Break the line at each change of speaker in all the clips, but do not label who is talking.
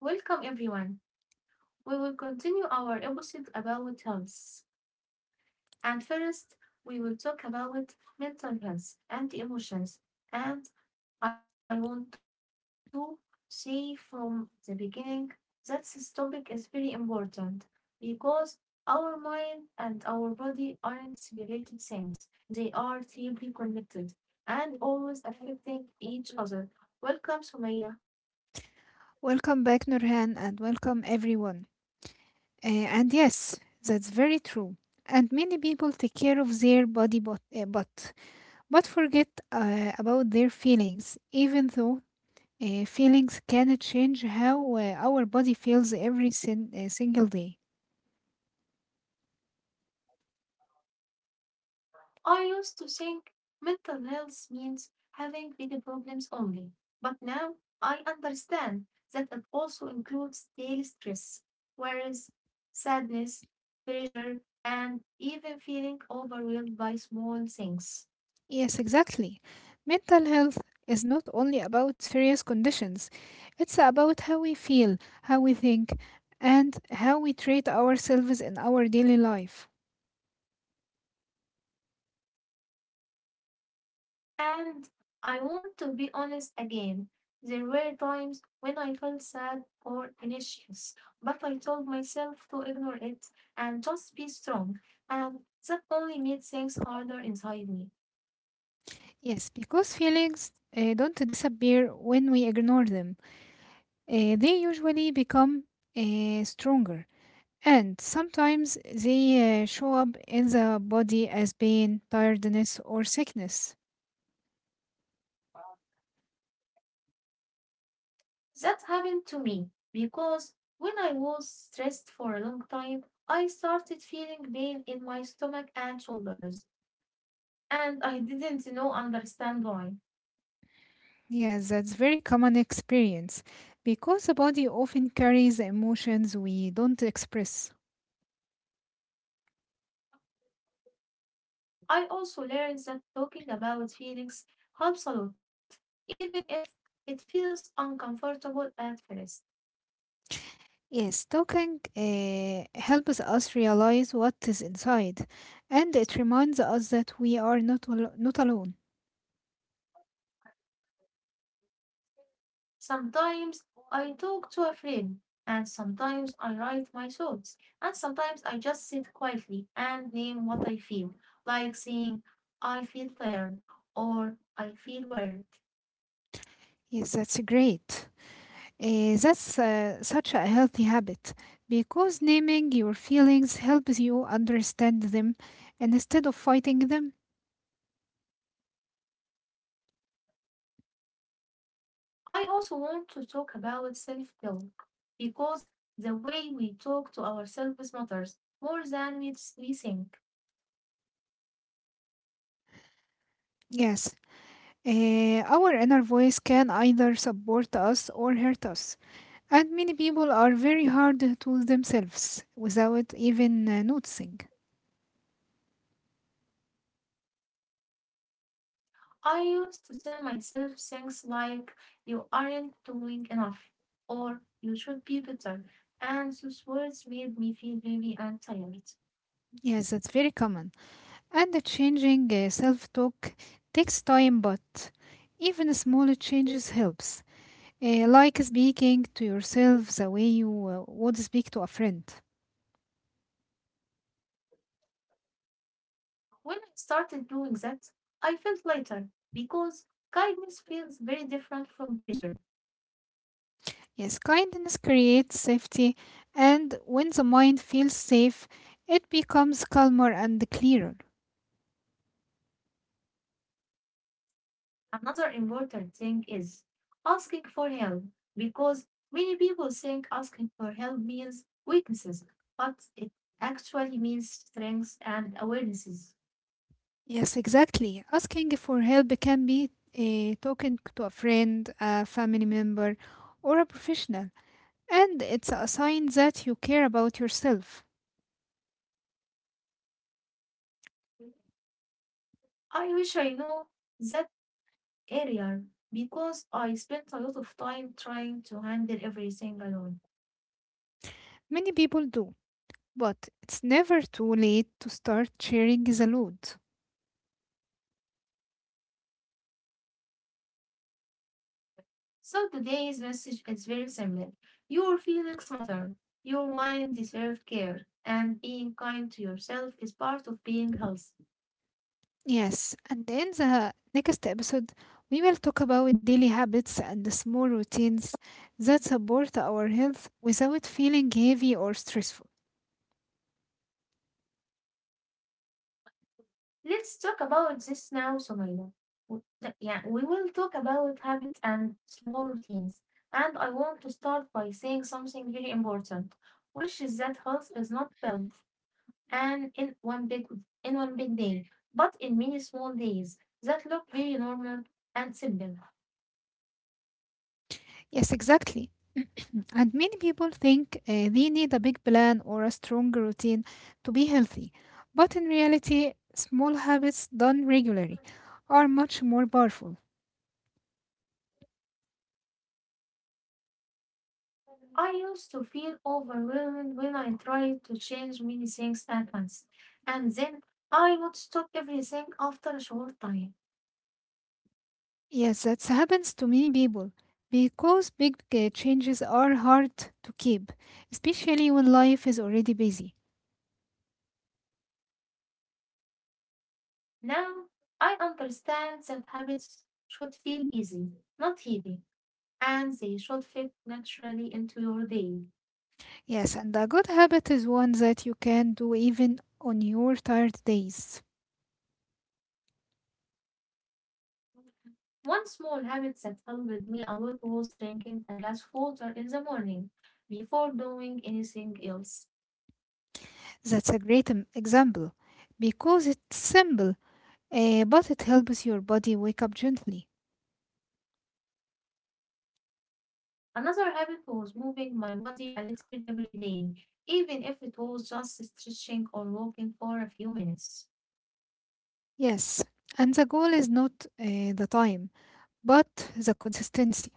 Welcome everyone. We will continue our episode about health. And first, we will talk about mental health and emotions. And I want to say from the beginning that this topic is very important because our mind and our body aren't separated things. They are deeply connected and always affecting each other. Welcome, Sumaya.
Welcome back, Nurhan, and welcome everyone. Uh, and yes, that's very true. And many people take care of their body, but forget about their feelings, even though feelings can change how our body feels single day.
I used to think mental health means having big problems only, but now I understand that it also includes daily stress, worries, sadness, pressure, and even feeling overwhelmed by small things.
Yes, exactly. Mental health is not only about serious conditions, it's about how we feel, how we think, and how we treat ourselves in our daily life.
And I want to be honest again. There were times when I felt sad or anxious, but I told myself to ignore it and just be strong. And that only made things harder inside me.
Yes, because feelings don't disappear when we ignore them. They usually become stronger. And sometimes they show up in the body as pain, tiredness, or sickness.
That happened to me because when I was stressed for a long time, I started feeling pain in my stomach and shoulders, and I didn't know understand why.
Yes, that's very common experience because the body often carries emotions we don't express.
I also learned that talking about feelings helps a lot, even if it feels uncomfortable at first.
Yes, talking helps us realize what is inside, and it reminds us that we are not alone.
Sometimes I talk to a friend, and sometimes I write my thoughts, and sometimes I just sit quietly and name what I feel, like saying, I feel tired or I feel worried.
Yes, that's great. That's such a healthy habit because naming your feelings helps you understand them and instead of fighting them.
I also want to talk about self talk because the way we talk to ourselves matters more than we think.
Yes, our inner voice can either support us or hurt us, and many people are very hard to themselves without even noticing.
I used to tell myself things like, you aren't doing enough, or you should be better. And those words made me feel heavy and tired.
Yes, that's very common. And the changing self talk takes time, but even small changes helps. Like speaking to yourself the way you would speak to a friend.
When I started doing that, I felt lighter because kindness feels very different from pressure.
Yes, kindness creates safety, and when the mind feels safe, it becomes calmer and clearer.
Another important thing is asking for help because many people think asking for help means weaknesses, but it actually means strengths and awarenesses.
Yes, exactly. Asking for help can be talking to a friend, a family member, or a professional, and it's a sign that you care about yourself.
I wish I know that area because I spent a lot of time trying to handle everything alone.
Many people do, but it's never too late to start sharing the load.
So today's message is very simple: your feelings matter. Your mind deserves care, and being kind to yourself is part of being healthy.
Yes, and in the next episode, we will talk about daily habits and the small routines that support our health without feeling heavy or stressful.
Let's talk about this now, Somalia. Yeah, we will talk about habits and small routines. And I want to start by saying something very important, which is that health is not built and in one big day, but in many small days that look very normal and simple.
Yes, exactly. And many people think they need a big plan or a strong routine to be healthy. But in reality, small habits done regularly are much more powerful.
I used to feel overwhelmed when I tried to change many things at once, and then I would stop everything after a short time.
Yes, that happens to many people because big changes are hard to keep, especially when life is already busy.
Now I understand that habits should feel easy, not heavy, and they should fit naturally into your day.
Yes, and a good habit is one that you can do even on your tired days.
One small habit that helped me a lot was drinking a glass of water in the morning before doing anything else.
That's a great example because it's simple, but it helps your body wake up gently.
Another habit was moving my body a little every day, even if it was just stretching or walking for a few minutes.
Yes, and the goal is not the time, but the consistency.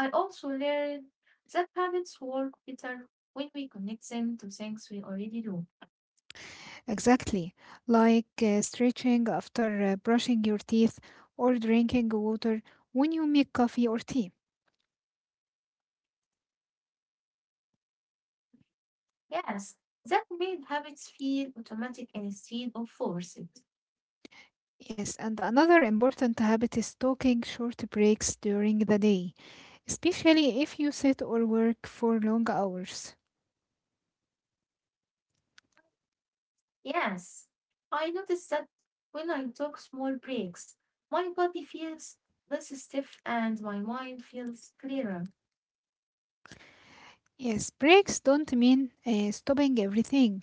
I also learned that habits work better when we connect them to things we already do.
Exactly, like stretching after brushing your teeth or drinking water when you make coffee or tea.
Yes, that made habits feel automatic instead of forced.
Yes, and another important habit is taking short breaks during the day, especially if you sit or work for long hours.
Yes, I noticed that when I took small breaks, my body feels less stiff and my mind feels clearer.
Yes, breaks don't mean stopping everything.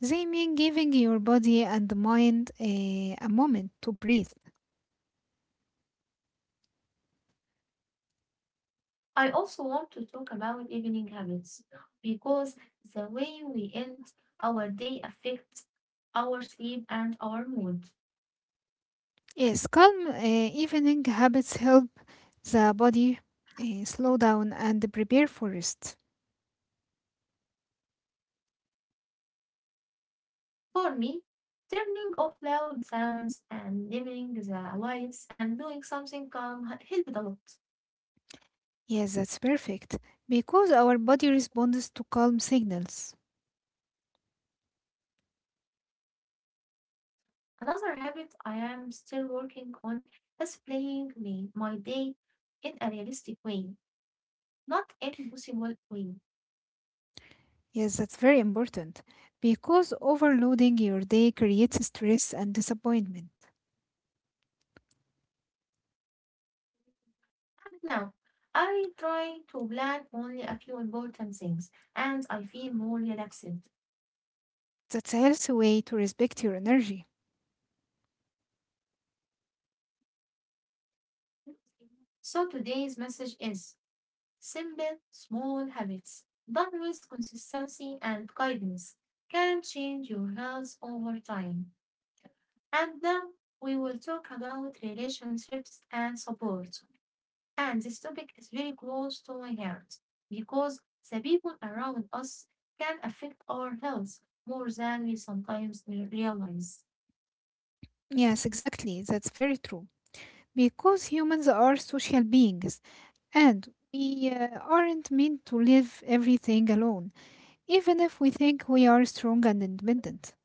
They mean giving your body and mind a moment to breathe.
I also want to talk about evening habits because the way we end our day affects our sleep and our mood.
Yes, calm evening habits help the body slow down and prepare for rest.
For me, turning off loud sounds and dimming the lights and doing something calm helped a lot.
Yes, that's perfect, because our body responds to calm signals.
Another habit I am still working on is playing me my day in a realistic way, not impossible way.
Yes, that's very important, because overloading your day creates stress and disappointment.
And now I try to plan only a few important things and I feel more relaxed.
That's a healthy way to respect your energy.
So today's message is simple, small habits done with consistency and guidance can change your health over time. And now we will talk about relationships and support. And this topic is very close to my heart because the people around us can affect our health more than we sometimes realize.
Yes, exactly. That's very true, because humans are social beings and we aren't meant to live everything alone, even if we think we are strong and independent.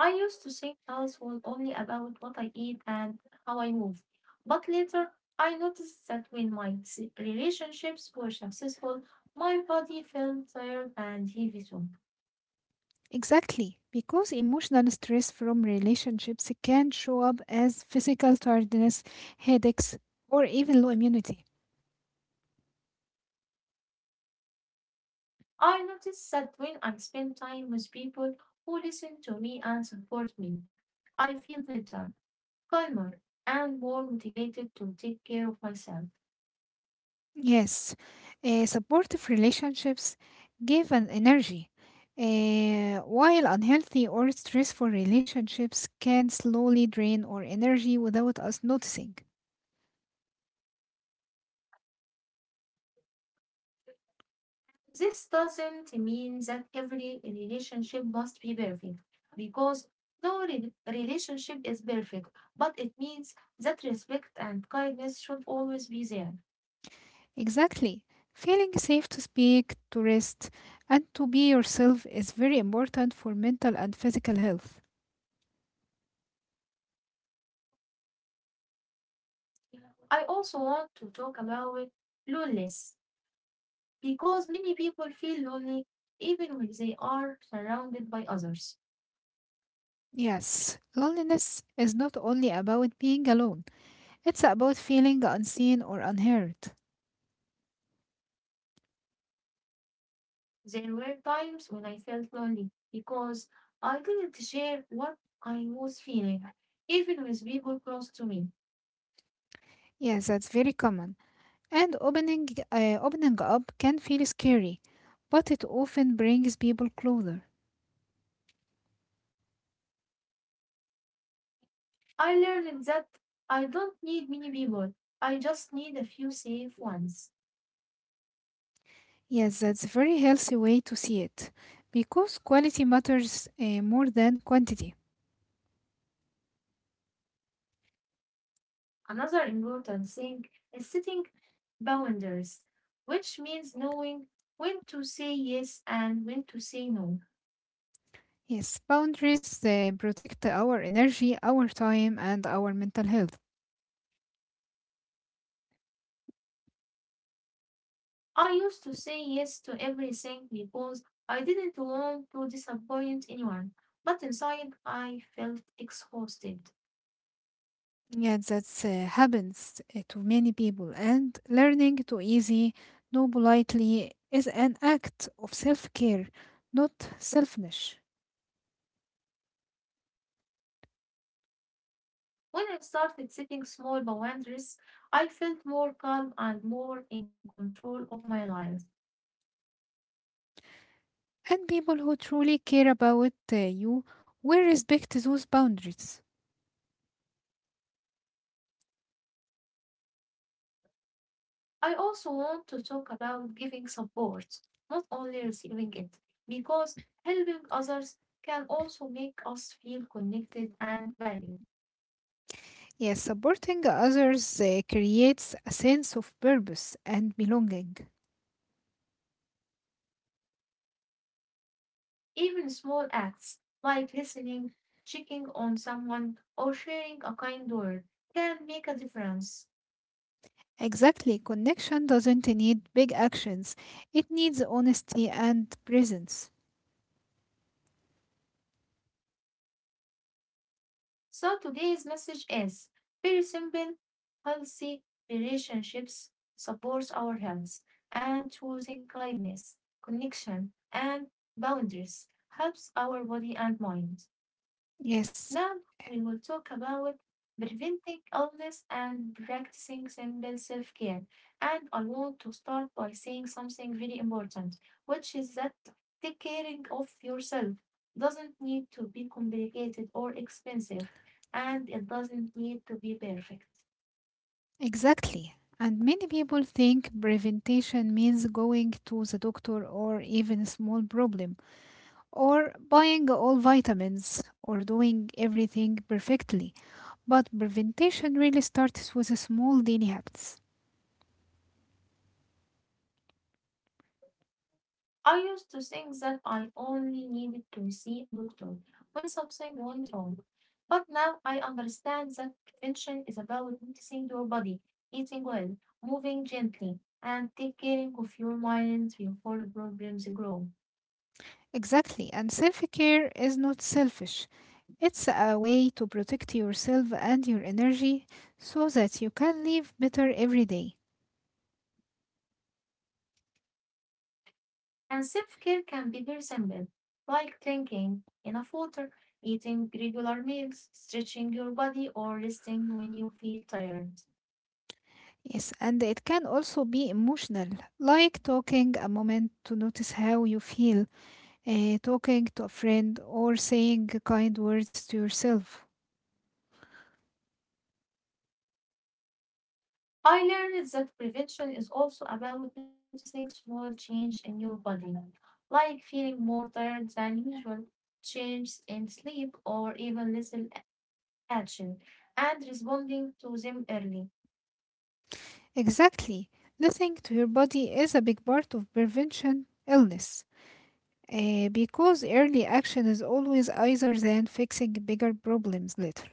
I used to think health was only about what I eat and how I move. But later, I noticed that when my relationships were successful, my body felt tired and heavy too.
Exactly, because emotional stress from relationships can show up as physical tiredness, headaches, or even low immunity.
I noticed that when I spend time with people who listen to me and support me, I feel better, calmer and more motivated to take care of myself.
Yes, supportive relationships give an energy, while unhealthy or stressful relationships can slowly drain our energy without us noticing.
This doesn't mean that every relationship must be perfect, because no relationship is perfect, but it means that respect and kindness should always be there.
Exactly. Feeling safe to speak, to rest, and to be yourself is very important for mental and physical health.
I also want to talk about loneliness because many people feel lonely even when they are surrounded by others.
Yes, loneliness is not only about being alone, it's about feeling unseen or unheard.
There were times when I felt lonely because I didn't share what I was feeling, even with people close to me.
Yes, that's very common. And opening up can feel scary, but it often brings people closer.
I learned that I don't need many people, I just need a few safe ones.
Yes, that's a very healthy way to see it, because quality matters more than quantity.
Another important thing is setting boundaries, which means knowing when to say yes and when to say no.
Yes, boundaries protect our energy, our time, and our mental health.
I used to say yes to everything because I didn't want to disappoint anyone, but inside I felt exhausted.
Yeah, that's happens to many people, and learning to easy, no politely is an act of self care, not selfishness.
When I started setting small boundaries, I felt more calm and more in control of my life.
And people who truly care about you will respect those boundaries.
I also want to talk about giving support, not only receiving it, because helping others can also make us feel connected and valued.
Yes, supporting others creates a sense of purpose and belonging.
Even small acts like listening, checking on someone, or sharing a kind word can make a difference.
Exactly, connection doesn't need big actions, it needs honesty and presence.
So today's message is very simple: healthy relationships supports our health and choosing kindness, connection, and boundaries helps our body and mind.
Yes,
Now we will talk about preventing illness and practicing simple self care. And I want to start by saying something very important, which is that take caring of yourself doesn't need to be complicated or expensive, and it doesn't need to be perfect.
exactly. And many people think prevention means going to the doctor or even a small problem, or buying all vitamins, or doing everything perfectly. But prevention really starts with small daily habits.
I used to think that I only needed to see a doctor when something went wrong. But now I understand that prevention is about noticing your body, eating well, moving gently, and taking care of your mind before problems grow.
Exactly. And self care is not selfish, it's a way to protect yourself and your energy so that you can live better every day.
And self care can be very simple, like drinking enough water, eating regular meals, stretching your body, or resting when you feel tired.
Yes, and it can also be emotional, like talking a moment to notice how you feel, talking to a friend, or saying kind words to yourself.
I learned that prevention is also about noticing small change in your body, like feeling more tired than usual, change in sleep, or even little action and responding to them early.
Exactly. Listening to your body is a big part of prevention illness, because early action is always easier than fixing bigger problems later.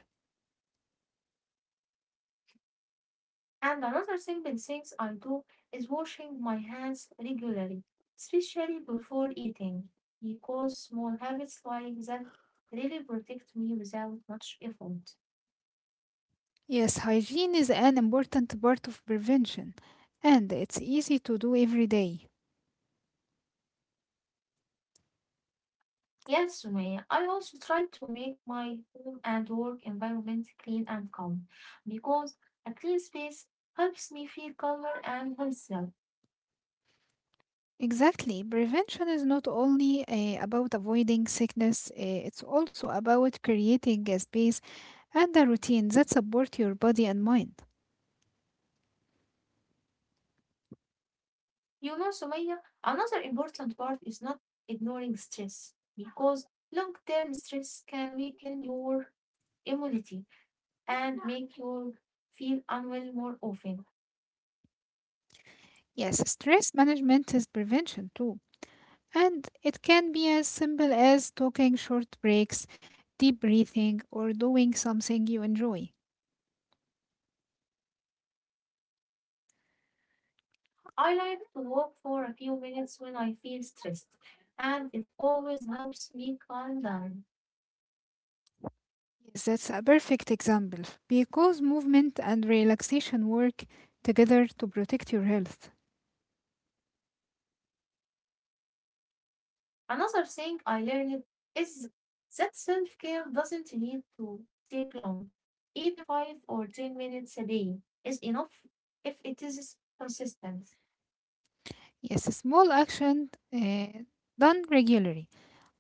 And another simple things I do is washing my hands regularly, especially before eating, because small habits like that really protect me without much effort.
Yes, hygiene is an important part of prevention, and it's easy to do every day.
Yes, Sumaya, I also try to make my home and work environment clean and calm, because a clean space helps me feel calmer and healthier.
Exactly. Prevention is not only about avoiding sickness, it's also about creating a space and a routine that support your body and mind.
You know, Sumaya, another important part is not ignoring stress because long term stress can weaken your immunity and make you feel unwell more often.
Yes, stress management is prevention too. And it can be as simple as taking short breaks, deep breathing, or doing something you enjoy.
I like to walk for a few minutes when I feel stressed, and it always helps me calm down.
Yes, that's a perfect example because movement and relaxation work together to protect your health.
Another thing I learned is that self care doesn't need to take long. Even 5 or 10 minutes a day is enough if it is consistent.
Yes, small actions done regularly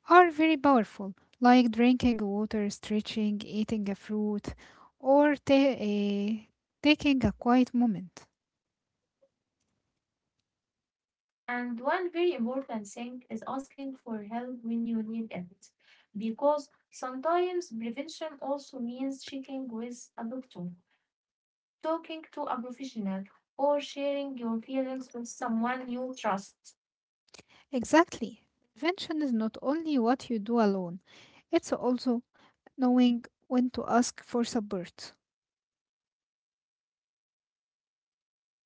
are very powerful, like drinking water, stretching, eating a fruit, or taking a quiet moment.
And one very important thing is asking for help when you need it, because sometimes prevention also means checking with a doctor, talking to a professional, or sharing your feelings with someone you trust.
Exactly. Prevention is not only what you do alone, it's also knowing when to ask for support.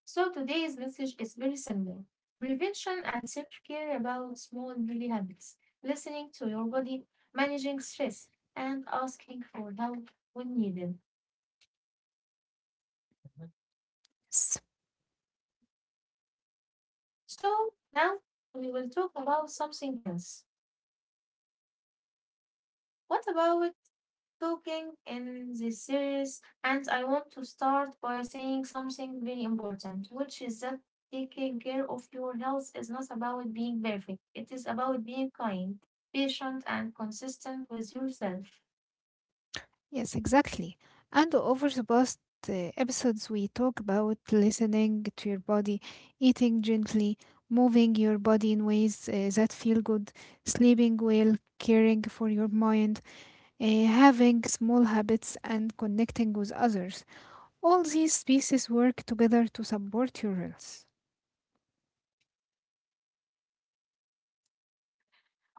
So today's message is very simple: prevention and self care about small daily habits, listening to your body, managing stress, and asking for help when needed.
Yes,
So now we will talk about something else. What about talking in this series? And I want to start by saying something very important, which is that taking care of your health is not about being perfect. It is about being kind, patient, and consistent with yourself.
yes, exactly. And over the past episodes, we talk about listening to your body, eating gently, moving your body in ways that feel good, sleeping well, caring for your mind, having small habits, and connecting with others. All these pieces work together to support your health.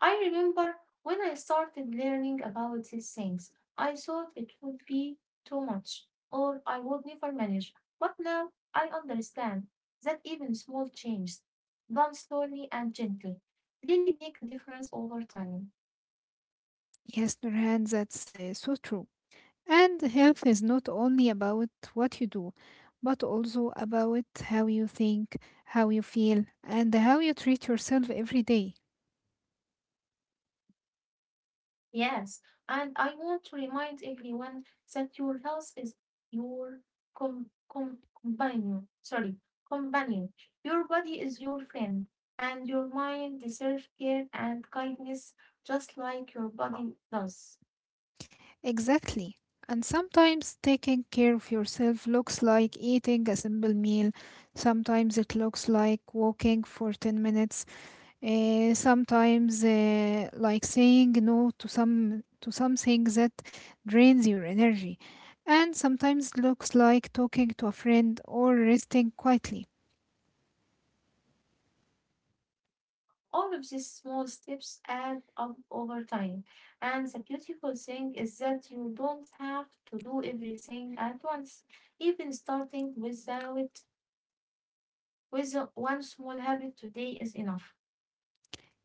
I remember when I started learning about these things, I thought it would be too much, or I would never manage. But now I understand that even small changes, done slowly and gently, really make a difference over time.
Yes, Nurhan, that's so true. And health is not only about what you do, but also about how you think, how you feel, and how you treat yourself every day.
Yes, and I want to remind everyone that your health is your com- companion. Sorry, companion. Your body is your friend, and your mind deserves care and kindness just like your body does.
Exactly. And sometimes taking care of yourself looks like eating a simple meal. Sometimes it looks like walking for 10 minutes. Sometimes like saying no to something that drains your energy. And sometimes looks like talking to a friend or resting quietly.
All of these small steps add up over time. And the beautiful thing is that you don't have to do everything at once. Even starting with one small habit today is enough.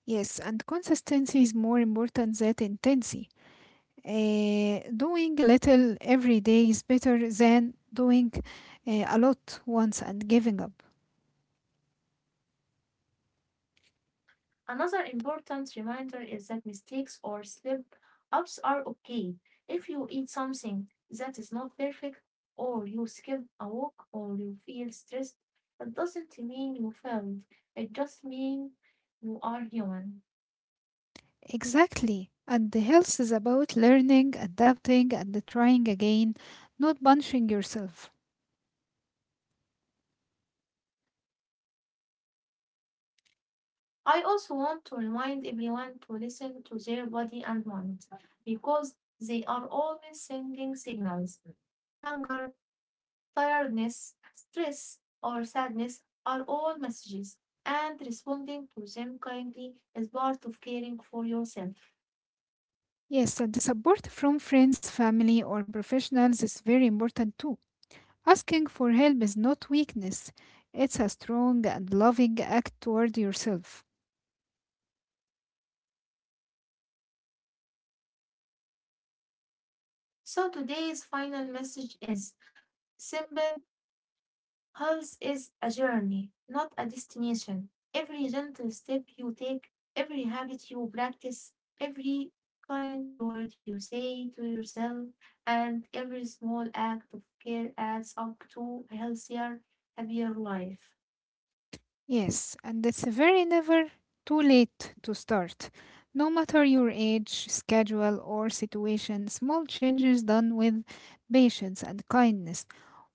Yes, and consistency is more important than intensity. Doing little every day is better than doing a lot once and giving up.
Another important reminder is that mistakes or slip ups are okay. If you eat something that is not perfect, or you skip a walk, or you feel stressed, it doesn't mean you failed. It just means you are human.
Exactly. And the health is about learning, adapting, and trying again, not punishing yourself.
I also want to remind everyone to listen to their body and mind because they are always sending signals: hunger, tiredness, stress, or sadness are all messages, and responding to them kindly is part of caring for yourself.
Yes, and the support from friends, family, or professionals is very important too. Asking for help is not weakness, it's a strong and loving act toward yourself.
So, today's final message is simple: health is a journey, not a destination. Every gentle step you take, every habit you practice, every kind word you say to yourself, and every small act of care adds up to a healthier, happier life.
Yes, and it's very never too late to start. No matter your age, schedule, or situation, small changes done with patience and kindness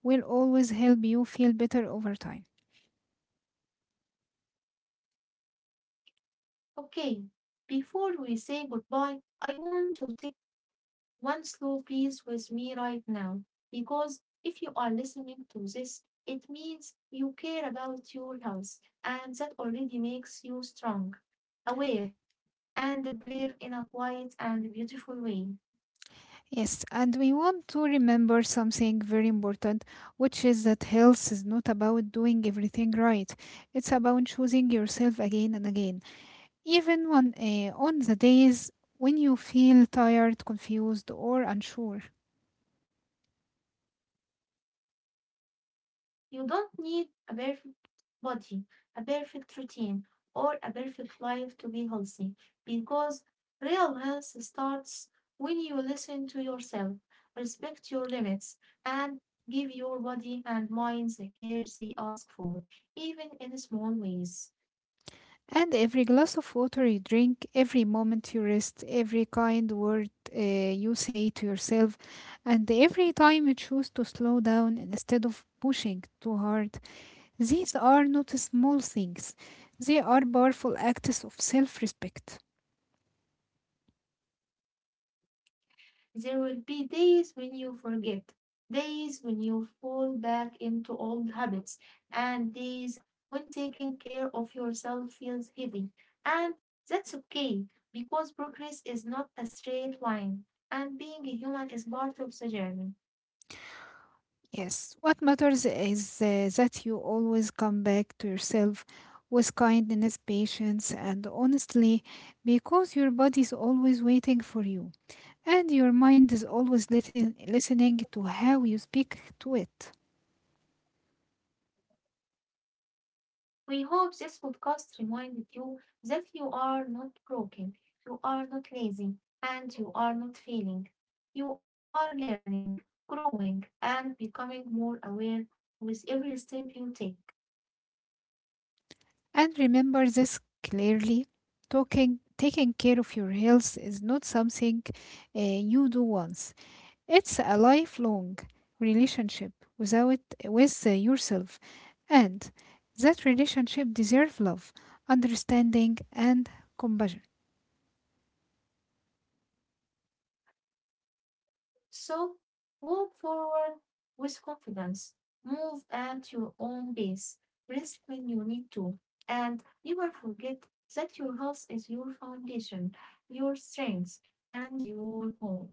will always help you feel better over time.
Okay, before we say goodbye, I want to take one slow piece with me right now because if you are listening to this, it means you care about your health and that already makes you strong, aware, and brave in a quiet and beautiful way.
Yes, and we want to remember something very important, which is that health is not about doing everything right. It's about choosing yourself again and again, even on the days when you feel tired, confused, or unsure.
You don't need a perfect body, a perfect routine, or a perfect life to be healthy because real health starts when you listen to yourself, respect your limits, and give your body and mind the care they ask for, even in small ways.
And every glass of water you drink, every moment you rest, every kind word you say to yourself, and every time you choose to slow down instead of pushing too hard, these are not small things. They are powerful acts of self respect.
There will be days when you forget, days when you fall back into old habits, and days when taking care of yourself feels heavy. And that's okay because progress is not a straight line, and being a human is part of the journey.
Yes, what matters is that you always come back to yourself with kindness, patience, and honestly, because your body is always waiting for you. And your mind is always listening to how you speak to it.
We hope this podcast reminded you that you are not broken, you are not lazy, and you are not failing. You are learning, growing, and becoming more aware with every step you take.
And remember this clearly, taking care of your health is not something you do once, it's a lifelong relationship without, with yourself. And that relationship deserves love, understanding, and compassion.
So, walk forward with confidence, move at your own pace, rest when you need to, and never forget that your health is your foundation, your strength, and your home.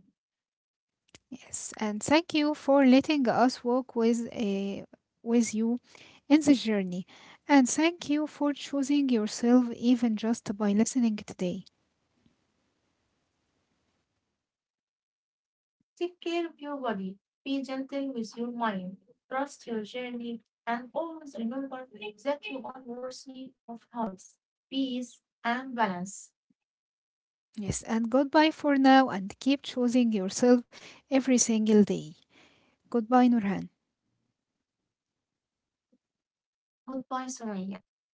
Yes, and thank you for letting us walk with a with you in the journey. And thank you for choosing yourself even just by listening today.
Take care of your body. Be gentle with your mind. Trust your journey and always remember that you are worthy of health, peace, and balance.
Yes, and goodbye for now, and keep choosing yourself every single day. Goodbye, Nurhan.
Goodbye, Sumaya.